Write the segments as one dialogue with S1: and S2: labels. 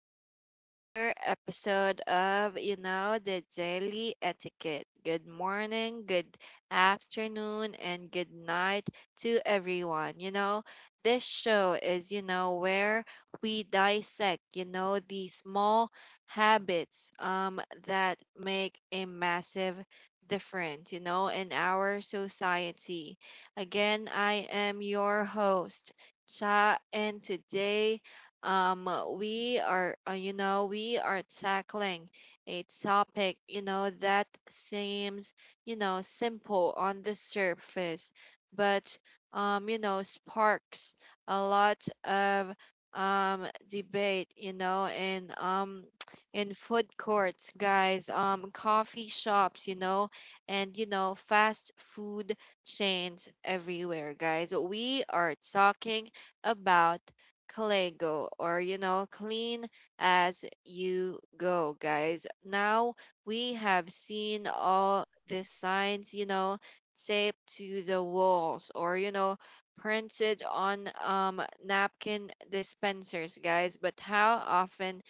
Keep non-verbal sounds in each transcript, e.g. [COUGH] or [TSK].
S1: to another episode of the Daily Etiquette. Good morning, good afternoon, and good night to everyone. This show is, where we dissect, the small habits that make a massive difference, in our society. Again, I am your host, Cha, and today um we are tackling a topic that seems simple on the surface, but sparks a lot of debate, and [TSK] in food courts, guys, coffee shops, and fast food chains everywhere, guys. We are talking about Clego, or clean as you go, guys. Now we have seen all the signs taped to the walls, or printed on napkin dispensers, guys, but how often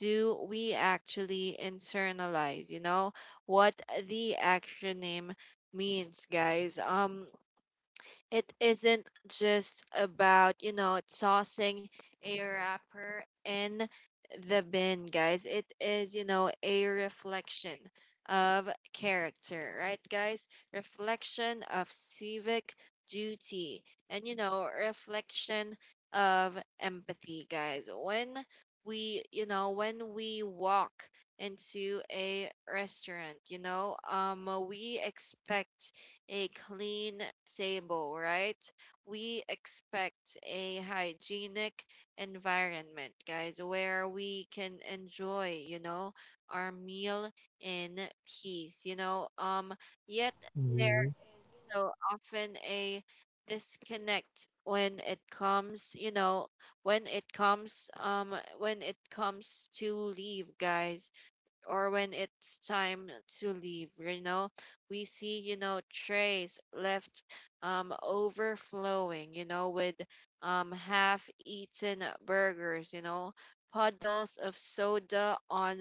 S1: do we actually internalize what the acronym means, guys? It isn't just about tossing a wrapper in the bin, guys. It is, a reflection of character, right, guys? Reflection of civic duty, and, reflection of empathy, guys. When we walk into a restaurant, we expect a clean table, right? We expect a hygienic environment, guys, where we can enjoy, our meal in peace. Yet there's
S2: Mhm.
S1: so often a disconnect when it comes, you know, when it comes to leave, guys, or when it's time to leave. We see, trays left overflowing, with half eaten burgers, puddles of soda on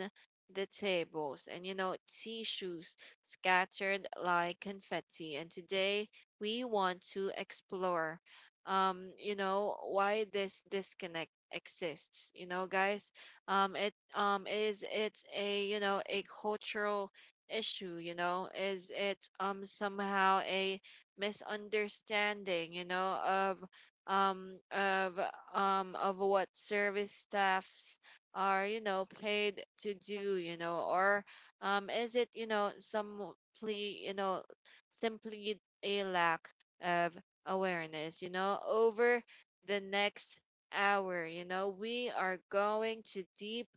S1: the tables, and, tissues scattered like confetti. And today we want to explore why this disconnect exists, guys It's a cultural issue. Is it somehow a misunderstanding um of of what service staffs are paid to do, or is it simply a lack of awareness, over the next hour. We are going to deep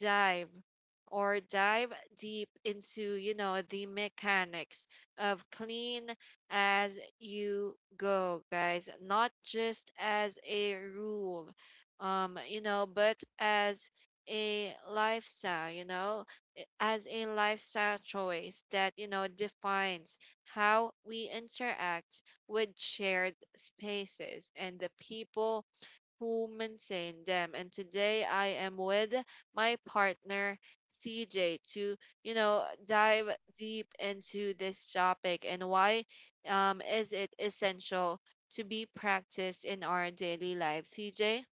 S1: dive, or dive deep into, the mechanics of clean as you go, guys. Not just as a rule, but as a lifestyle, as a lifestyle choice that, defines how we interact with shared spaces and the people who maintain them. And today I am with my partner CJ to, dive deep into this topic, and why is it essential to be practiced in our daily life. CJ?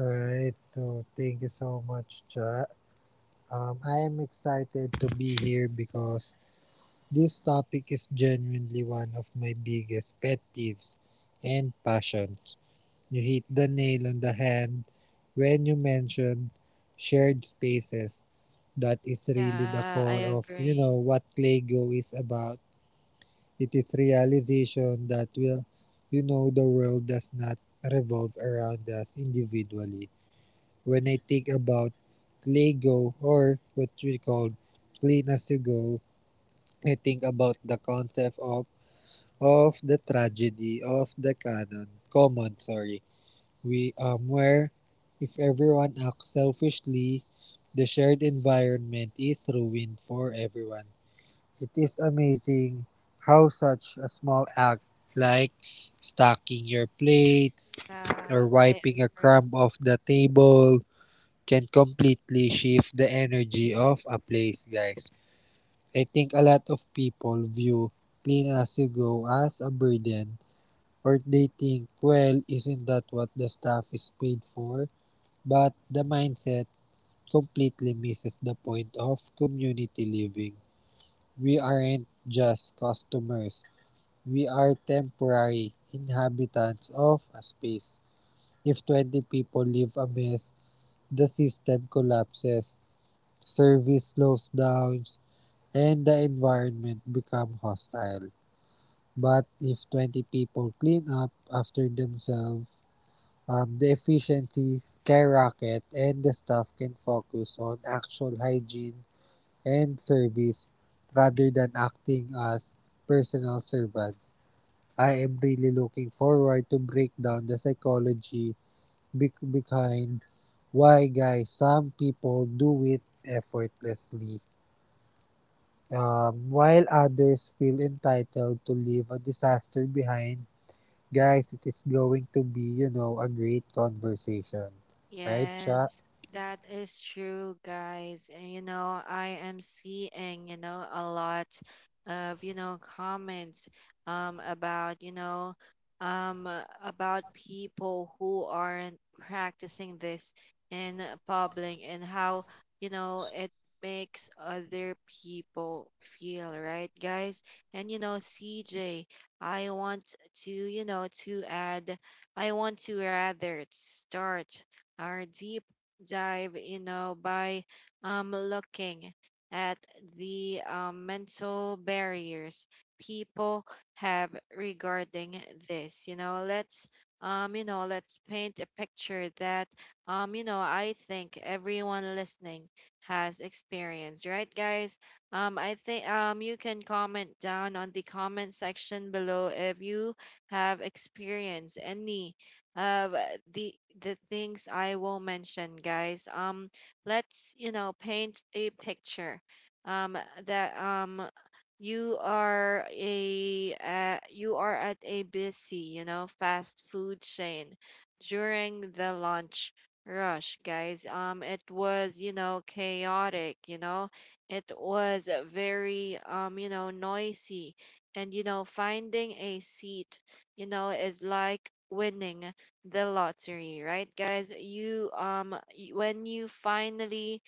S2: All right, so thank you so much, chat. I am excited to be here because this topic is genuinely one of my biggest pet peeves and passions. You hit the nail on the head when you mention shared spaces. That is really the
S1: Yeah, I
S2: core of, you
S1: agree.
S2: know, what Lego is about. It is realization that, well, you know, the world does not revolve around us individually. When I think about ClayGo or what we call Clean As You Go, I think about the concept of the tragedy of the canon common, sorry, we where if everyone acts selfishly, the shared environment is ruined for everyone. It is amazing how such a small act like stacking your plates
S1: Yeah,
S2: or
S1: I
S2: wiping a
S1: agree.
S2: crumb off the table can completely shift the energy of a place, guys. I think a lot of people view clean as you go as a burden, or they think, well, isn't that what the staff is paid for? But the mindset completely misses the point of community living. We aren't just customers, we are temporary inhabitants of a space. If 20 people leave a mess, the system collapses, service slows down, and the environment become hostile. But if 20 people clean up after themselves, the efficiency skyrocket and the staff can focus on actual hygiene and service rather than acting as personal servants. I am really looking forward to break down the psychology behind why, guys, some people do it effortlessly. While others feel entitled to leave a disaster behind, guys, it is going to be, you know, a great conversation. Right, Cha?
S1: Yes, that is true, guys. And I am seeing, a lot of, comments about, about people who aren't practicing this in public, and how, it makes other people feel, right, guys? And CJ, I want to, you know, to add I want to rather start our deep dive, by looking at the mental barriers people have regarding this. Let's paint a picture that I think everyone listening has experienced, right, guys? I think you can comment down on the comment section below if you have experienced any uh the the things I will mention, guys. Let's paint a picture. Um, that you are at a busy, fast food chain during the lunch rush, guys. It was, chaotic it was very noisy and finding a seat is like winning the lottery, right, guys. When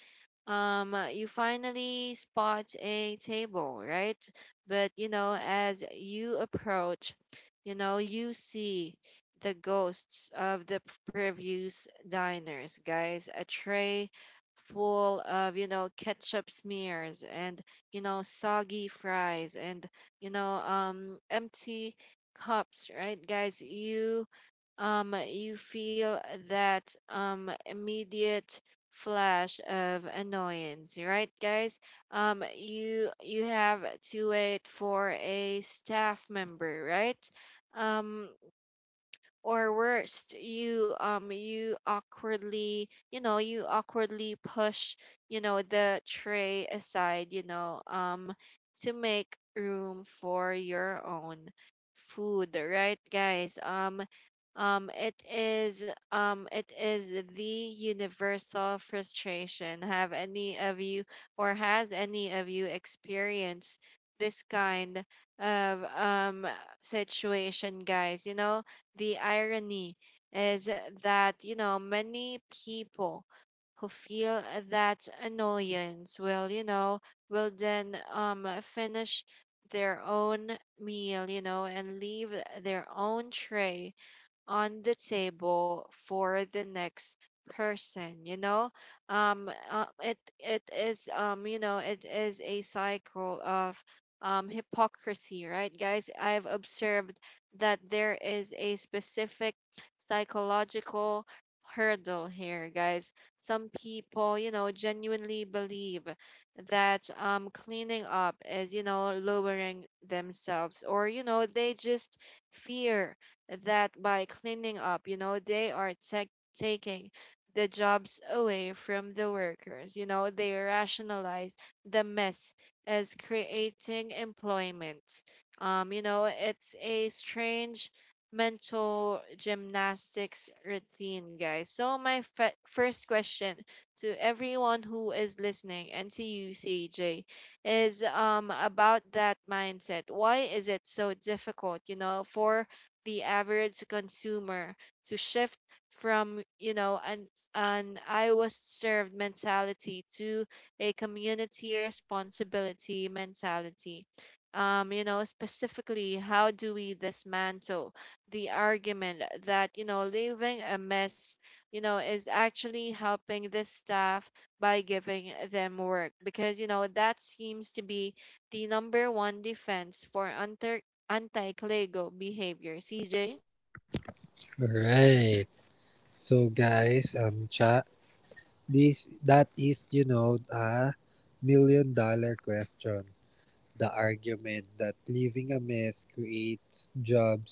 S1: you finally spot a table, right? But as you approach, you see the ghosts of the previous diners, guys, a tray full of ketchup smears, and soggy fries, and empty cups, right, guys. You you feel that immediate flash of annoyance, right, guys? You have to wait for a staff member, right? Um, or worst, you awkwardly, you awkwardly push, the tray aside, to make room for your own food, right, guys. It is it is the universal frustration. Have any of you, or has any of you, experienced this kind of situation, guys? The irony is that, many people who feel that annoyance will, you know, will then finish their own meal, and leave their own tray on the table for the next person. It is it is a cycle of hypocrisy, right, guys. I've observed that there is a specific psychological hurdle here, guys. Some people genuinely believe that cleaning up is, lowering themselves, or they just fear that by cleaning up, they are tech taking the jobs away from the workers. They rationalize the mess as creating employment. It's a strange mental gymnastics routine, guys. So, my first question to everyone who is listening, and to you, CJ, is about that mindset. Why is it so difficult, for the average consumer to shift from an I was served mentality to a community responsibility mentality? Specifically, how do we dismantle the argument that leaving a mess, is actually helping the staff by giving them work? Because that seems to be the number one defense for under anti-clego behavior. CJ?
S2: Right. So, guys, Cha, that is, you know, a million-dollar question. The argument that leaving a mess creates jobs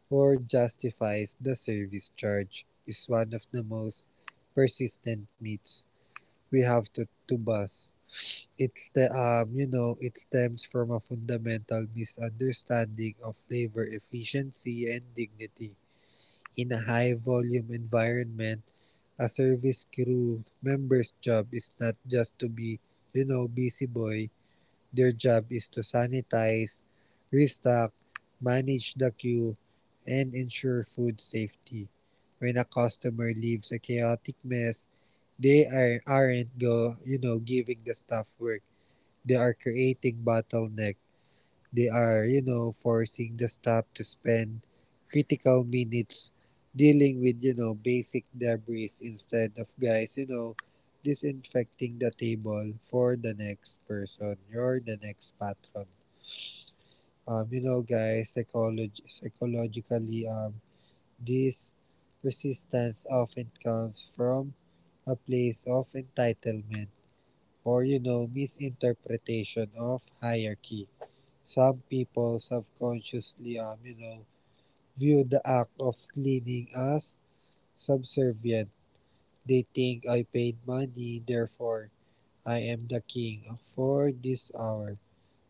S2: or justifies the service charge is one of the most persistent myths we have to bust. It's the you know, it stems from a fundamental misunderstanding of labor efficiency and dignity. In a high volume environment, a service crew member's job is not just to be, you know, busy boy. Their job is to sanitize, restock, manage the queue, and ensure food safety. When a customer leaves a chaotic mess, they are, aren't go, you know, giving the staff work, they are creating bottleneck. They are, you know, forcing the staff to spend critical minutes dealing with, you know, basic debris instead of, guys, you know, disinfecting the table for the next person. You're The next patron. You know, guys, psychology psychologically, this resistance often comes from a place of entitlement or, you know, misinterpretation of hierarchy. Some people subconsciously, you know, view the act of cleaning as subservient. They think I paid money, therefore I am the king for this hour.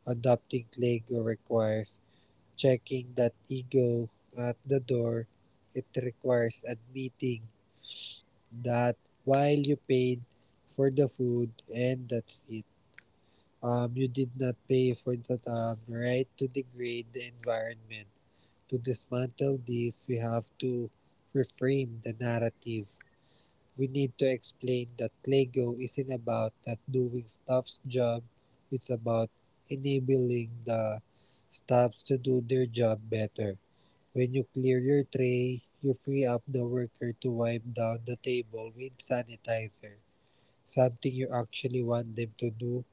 S2: Adopting Lego requires checking that ego at the door. It requires admitting that while you paid for the food and that's it, you did not pay for the right to degrade the environment. To dismantle these, we have to reframe the narrative. We need to explain that Lego isn't about not doing staff's job, it's about enabling the staffs to do their job better. When you clear your tray, you free up the worker to wipe down the table with sanitizer, something you actually want them to do.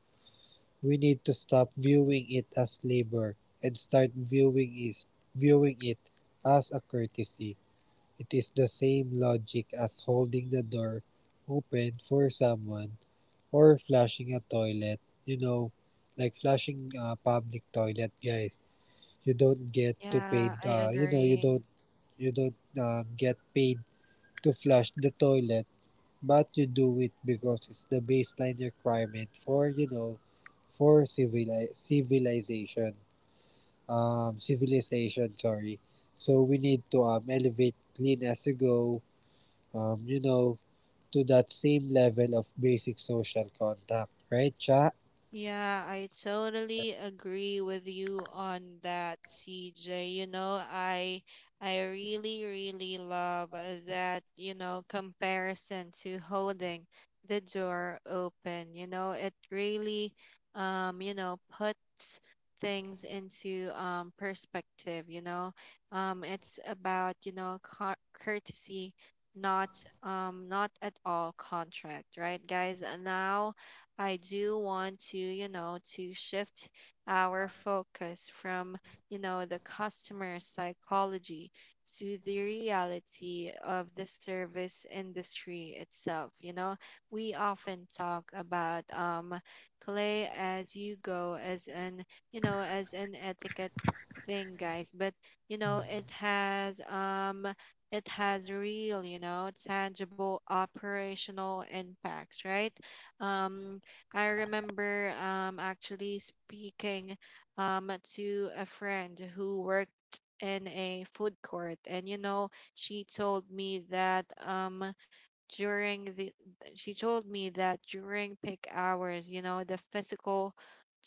S2: We need to stop viewing it as labor and start viewing it as a courtesy. It is the same logic as holding the door open for someone or flushing a toilet. You know, like flushing a public toilet, guys. You don't get to
S1: Yeah,
S2: pay
S1: I
S2: you know,
S1: agree.
S2: you don't get paid to flush the toilet, but you do it because it's the baseline requirement for, you know, for civilization. Civilization, sorry. So we need to elevate clean as you go. You know, to that same level of basic social contact, right, Cha?
S1: Yeah, I totally agree with you on that, CJ. I really really love that, comparison to holding the door open. It really puts things into perspective. It's about, you know, courtesy, not not at all contract, right, guys? And now I do want to, to shift our focus from, the customer psychology to the reality of the service industry itself. We often talk about clay as you go as an, as an etiquette thing, guys, but, you know, it has, um, it has real, tangible operational impacts, right? um, I remember actually speaking to a friend who worked in a food court, and she told me that during the she told me that during peak hours, the physical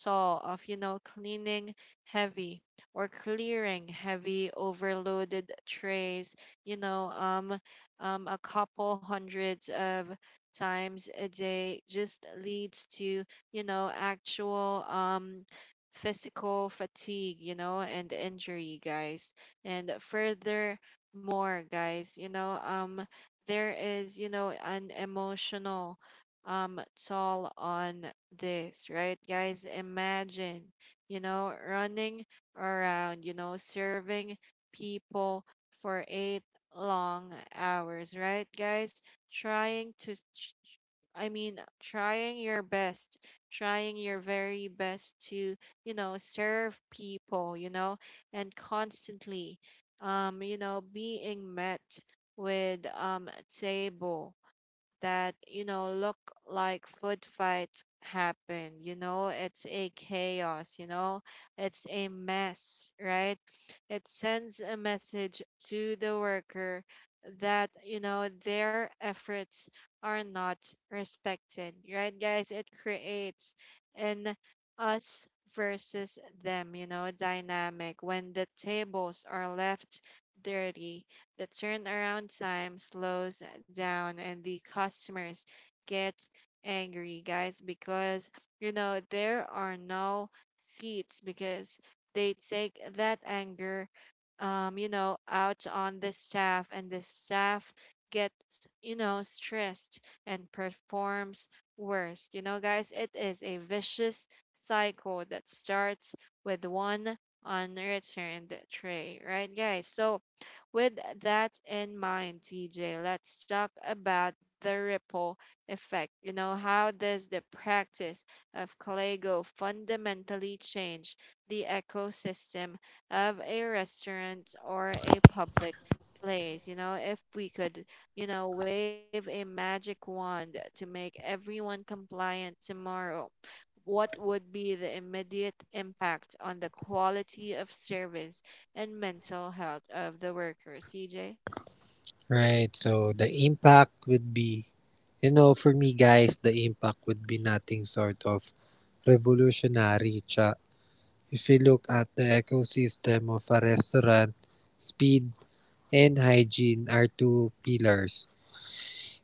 S1: toll of you know cleaning heavy or clearing heavy overloaded trays, you know, um, a couple hundreds of times a day just leads to, actual physical fatigue, and injury, guys. And furthermore, guys, there is, an emotional um toll on this, right? Guys, imagine, running around, serving people for 8 long hours, right, guys? Trying to ch- ch- I mean, trying your best, trying your very best to, serve people, and constantly being met with table that look like food fights happen. It's a chaos. It's a mess, right? It sends a message to the worker that their efforts are not respected, right, guys. It creates an us versus them, dynamic when the tables are left dirty, the turnaround time slows down, and the customers get angry, guys, because there are no seats. Because they take that anger out on the staff, and the staff gets stressed and performs worse. Guys, it is a vicious cycle that starts with one unreturned tray, right, guys? So with that in mind, TJ, let's talk about the ripple effect. How does the practice of Clego fundamentally change the ecosystem of a restaurant or a public place? If we could, wave a magic wand to make everyone compliant tomorrow, what would be the immediate impact on the quality of service and mental health of the workers, CJ?
S2: Right. So the impact would be, you know, for me, guys, the impact would be nothing sort of revolutionary. Cha. If you look at the ecosystem of a restaurant, speed and hygiene are two pillars.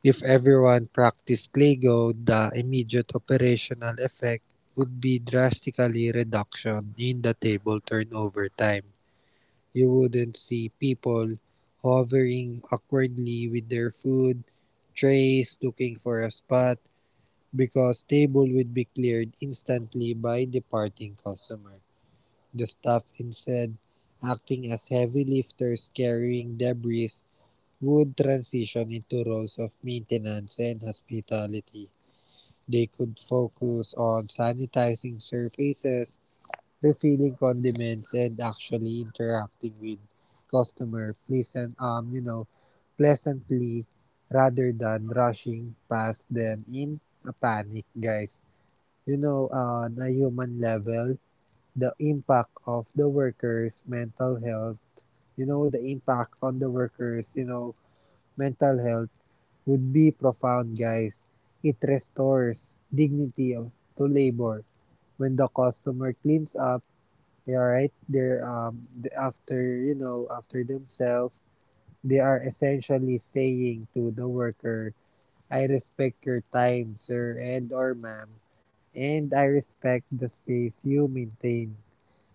S2: If everyone practiced Lego, the immediate operational effect would be drastically reduction in the table turnover time. You wouldn't see people hovering awkwardly with their food trays looking for a spot because table would be cleared instantly by departing customer. The staff instead, acting as heavy lifters carrying debris, would transition into roles of maintenance and hospitality. They could focus on sanitizing surfaces, refilling condiments and actually interacting with customer pleasantly rather than rushing past them in a panic, guys. You know, on a human level, the impact of the workers mental health you know the impact on the workers, you know, mental health would be profound, guys. It restores dignity to labor. When the customer cleans up, yeah, right. After, you know, after themselves, they are essentially saying to the worker, "I respect your time, sir and or ma'am, and I respect the space you maintain."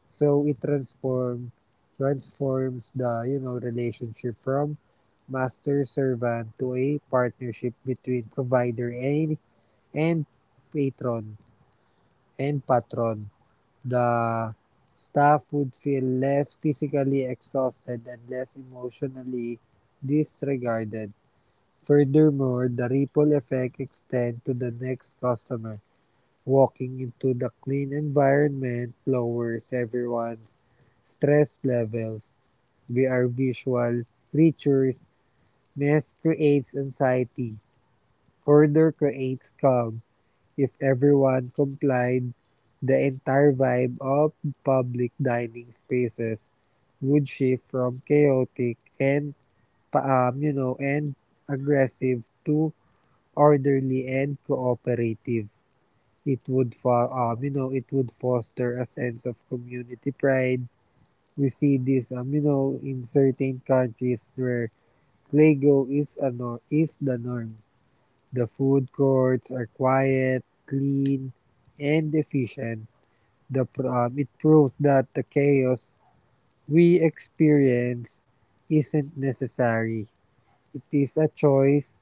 S2: So it transforms the, you know, relationship from master servant to a partnership between provider and and patron and patron. The staff would feel less physically exhausted and less emotionally disregarded. Furthermore, the ripple effect extends to the next customer. Walking into the clean environment lowers everyone's stress levels. We are visual creatures. Mess creates anxiety. Order creates calm. If everyone complied, the entire vibe of public dining spaces would shift from chaotic and pa- you know, and aggressive to orderly and cooperative. It would you know, it would foster a sense of community pride. We see this, you know, in certain countries where Lego is a nor- is the norm. The food courts are quiet, clean, and efficient. It proves that the chaos we experience isn't necessary. It is a choice.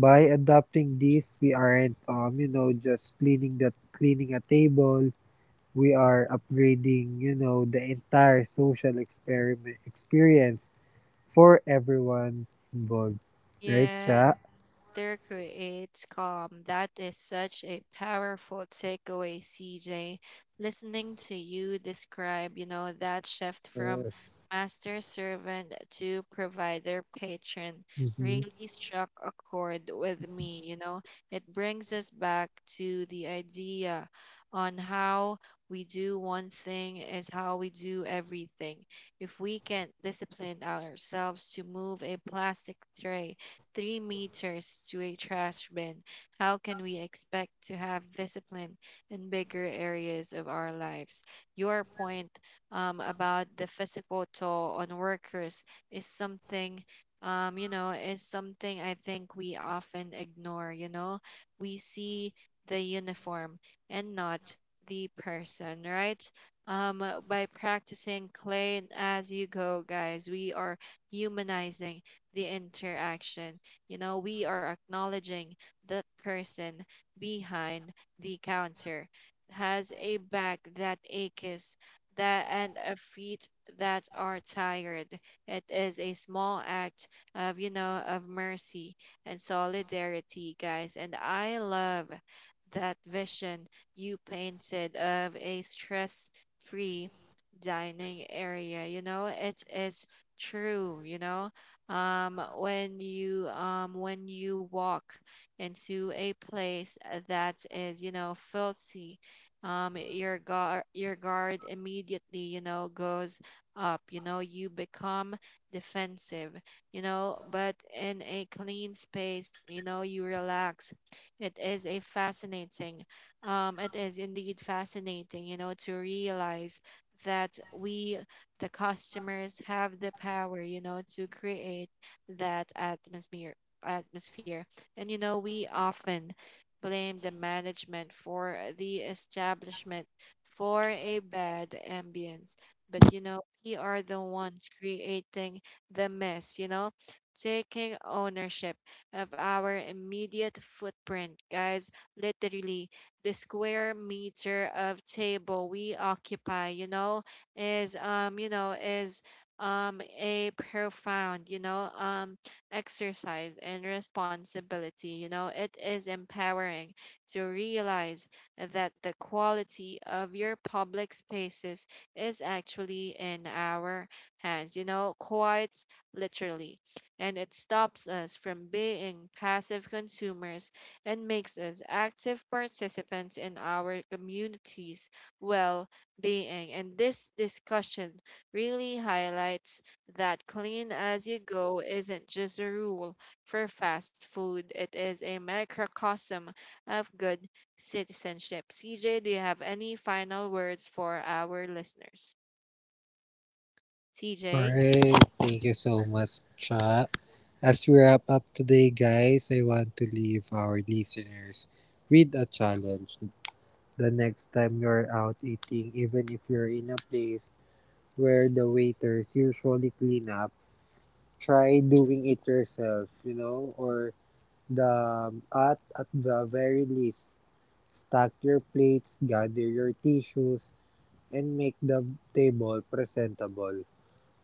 S2: By adopting this, we aren't just cleaning a table. We are upgrading, you know, the entire social experiment experience for everyone involved. Right,
S1: Yeah.
S2: Cha?
S1: Laughter creates calm. That is such a powerful takeaway, CJ. Listening to you describe, that shift from
S2: Yes.
S1: master servant to provider patron
S2: Mhm.
S1: really struck a chord with me, you know. It brings us back to the idea on how we do one thing is how we do everything. If we can discipline ourselves to move a plastic tray 3 meters to a trash bin, how can we expect to have discipline in bigger areas of our lives? Your point about the physical toll on workers is something. Is something I think we often ignore. You know, we see the uniform and not the person, right? By practicing clean as you go, guys, we are humanizing the interaction. You know, we are acknowledging that person behind the counter has a back that aches that and a feet that are tired. It is a small act of mercy and solidarity, guys. And I love that vision you painted of a stress free dining area. You know, it is true, when you walk into a place that is filthy. Your guard immediately, goes up. You become defensive, but in a clean space, you relax. It is a fascinating it is indeed fascinating, to realize that we, the customers, have the power, you know, to create that atmosphere. And you know, we often blame the management for the establishment for a bad ambience. But you know, we are the ones creating the mess, you know, taking ownership of our immediate footprint, guys. Literally, the square meter of table we occupy, you know, is a profound, exercise in responsibility. It is empowering to realize that the quality of your public spaces is actually in our hands, quite literally, and it stops us from being passive consumers and makes us active participants in our communities well being. And this discussion really highlights that clean as you go isn't just a rule for fast food, it is a microcosm of good citizenship. CJ, do you have any final words for our listeners? CJ?
S2: Alright, thank you so much, Cha. As we wrap up today, guys, I want to leave our listeners with a challenge. The next time you're out eating, even if you're in a place where the waiters usually clean up, try doing it yourself, you know, or the at the very least, stack your plates, gather your tissues, and make the table presentable.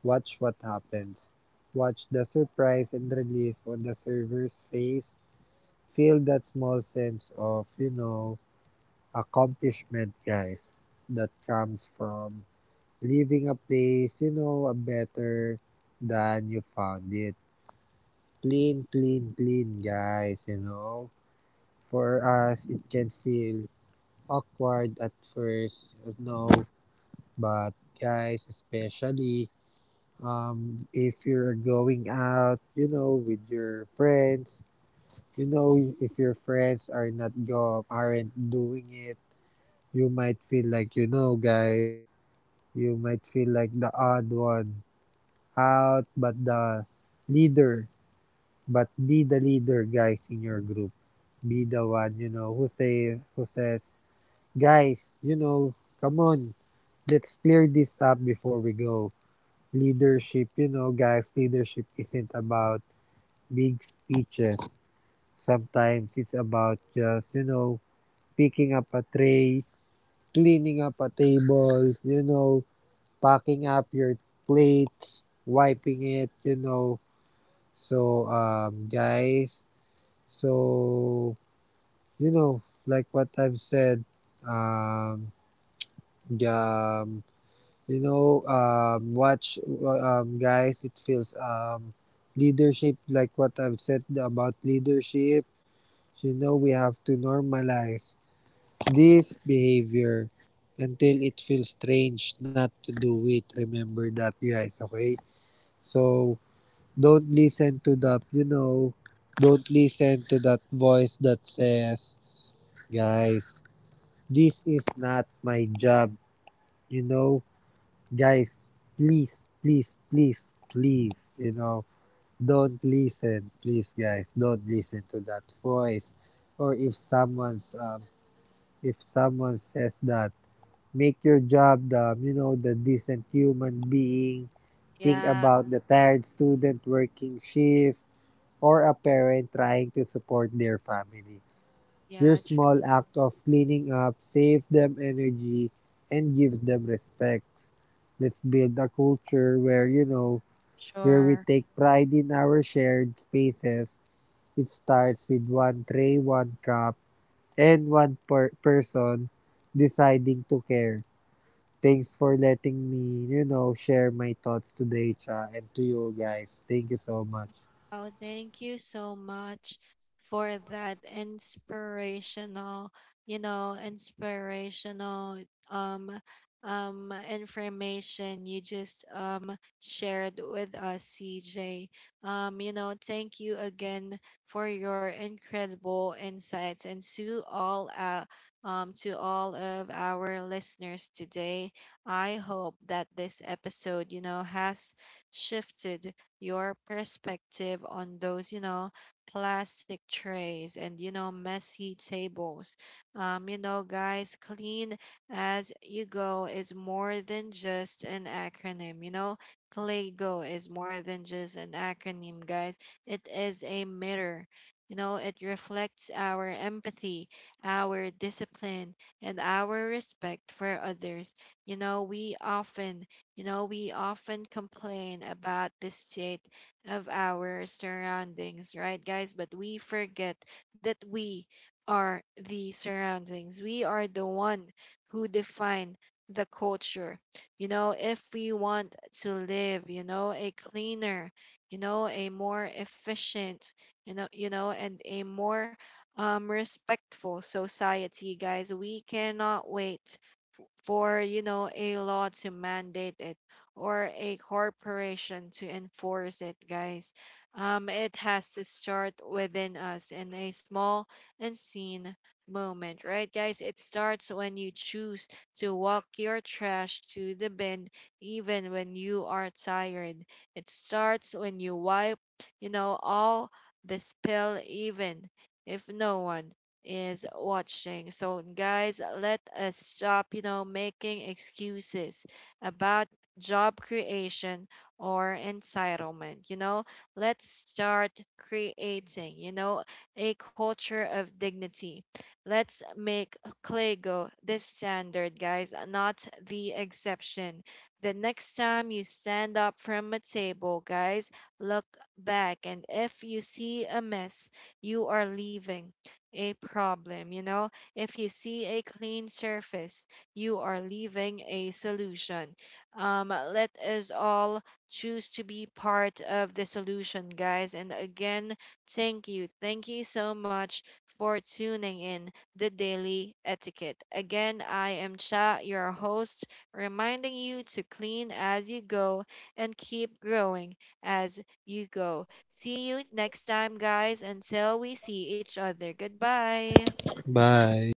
S2: Watch what happens. Watch the surprise and relief on the server's face. Feel that small sense of, you know, accomplishment, guys, that comes from leaving a place, you know, a better than you found it. Clean, clean, clean, guys, you know. For us, it can feel awkward at first, you know, but guys, especially if you're going out, you know, with your friends, you know, if your friends are not go aren't doing it, you might feel like, you know, guys, you might feel like the odd one out, but leader, be the leader, guys, in your group. Be the one, you know, who says, guys, you know, come on, let's clear this up before we go. Leadership, you know, guys, leadership isn't about big speeches. Sometimes it's about just, you know, picking up a tray, cleaning up a table, you know, packing up your plates, wiping it, you know. So, guys, so, you know, like what I've said, um, um, you know, um, watch, guys, like what I've said about leadership, you know, we have to normalize this behavior until it feels strange not to do it. Remember that, guys, okay? So, don't listen to that, you know, don't listen to that voice that says, guys, this is not my job, you know? Guys, please, please, please, please, you know, don't listen, please, guys, don't listen to that voice. Or if someone's if someone says that, make your job the, you know, the decent human being. Think
S1: Yeah,
S2: about the tired student working shift or a parent trying to support their family.
S1: yeah,
S2: Your small act of cleaning up saves them energy and gives them respect. Let's build a culture where, you know, where we
S1: sure.
S2: take pride in our shared spaces. It starts with one tray, one cup, and one person deciding to care. Thanks for letting me, you know, share my thoughts today, Cha, and to you guys. Thank you so much.
S1: Oh, thank you so much for that inspirational um information you just shared with us, CJ. Thank you again for your incredible insights and to all of our listeners today. I hope that this episode, you know, has shifted your perspective on those, you know, plastic trays and, you know, messy tables. Guys, clean as you go is more than just an acronym, you know. CLAGO is more than just an acronym, guys. It is a mirror. You know, it reflects our empathy, our discipline, and our respect for others. You know, we often you know, we often complain about the state of our surroundings, right, guys? But we forget that we are the surroundings. We are the one who define the culture. You know, if we want to live, you know, a cleaner, you know, a more efficient, and a more respectful society, guys. We cannot wait for, you know, a law to mandate it or a corporation to enforce it, guys. It has to start within us in a small and seen moment, right guys? It starts when you choose to walk your trash to the bin even when you are tired. It starts when you wipe, you know, all the spill, even if no one is watching. So, guys, let us stop, you know, making excuses about job creation or entitlement. You know, let's start creating, you know, a culture of dignity. Let's make Clego the standard, guys, not the exception. The next time you stand up from a table, guys, look back. And if you see a mess, you are leaving a problem. You know, if you see a clean surface, you are leaving a solution. Let us all choose to be part of the solution, guys. And again, thank you. Thank you so much for tuning in the daily etiquette. Again, I am Cha, your host, reminding you to clean as you go and keep growing as you go. See you next time, guys. Until we see each other. Goodbye.
S2: Bye.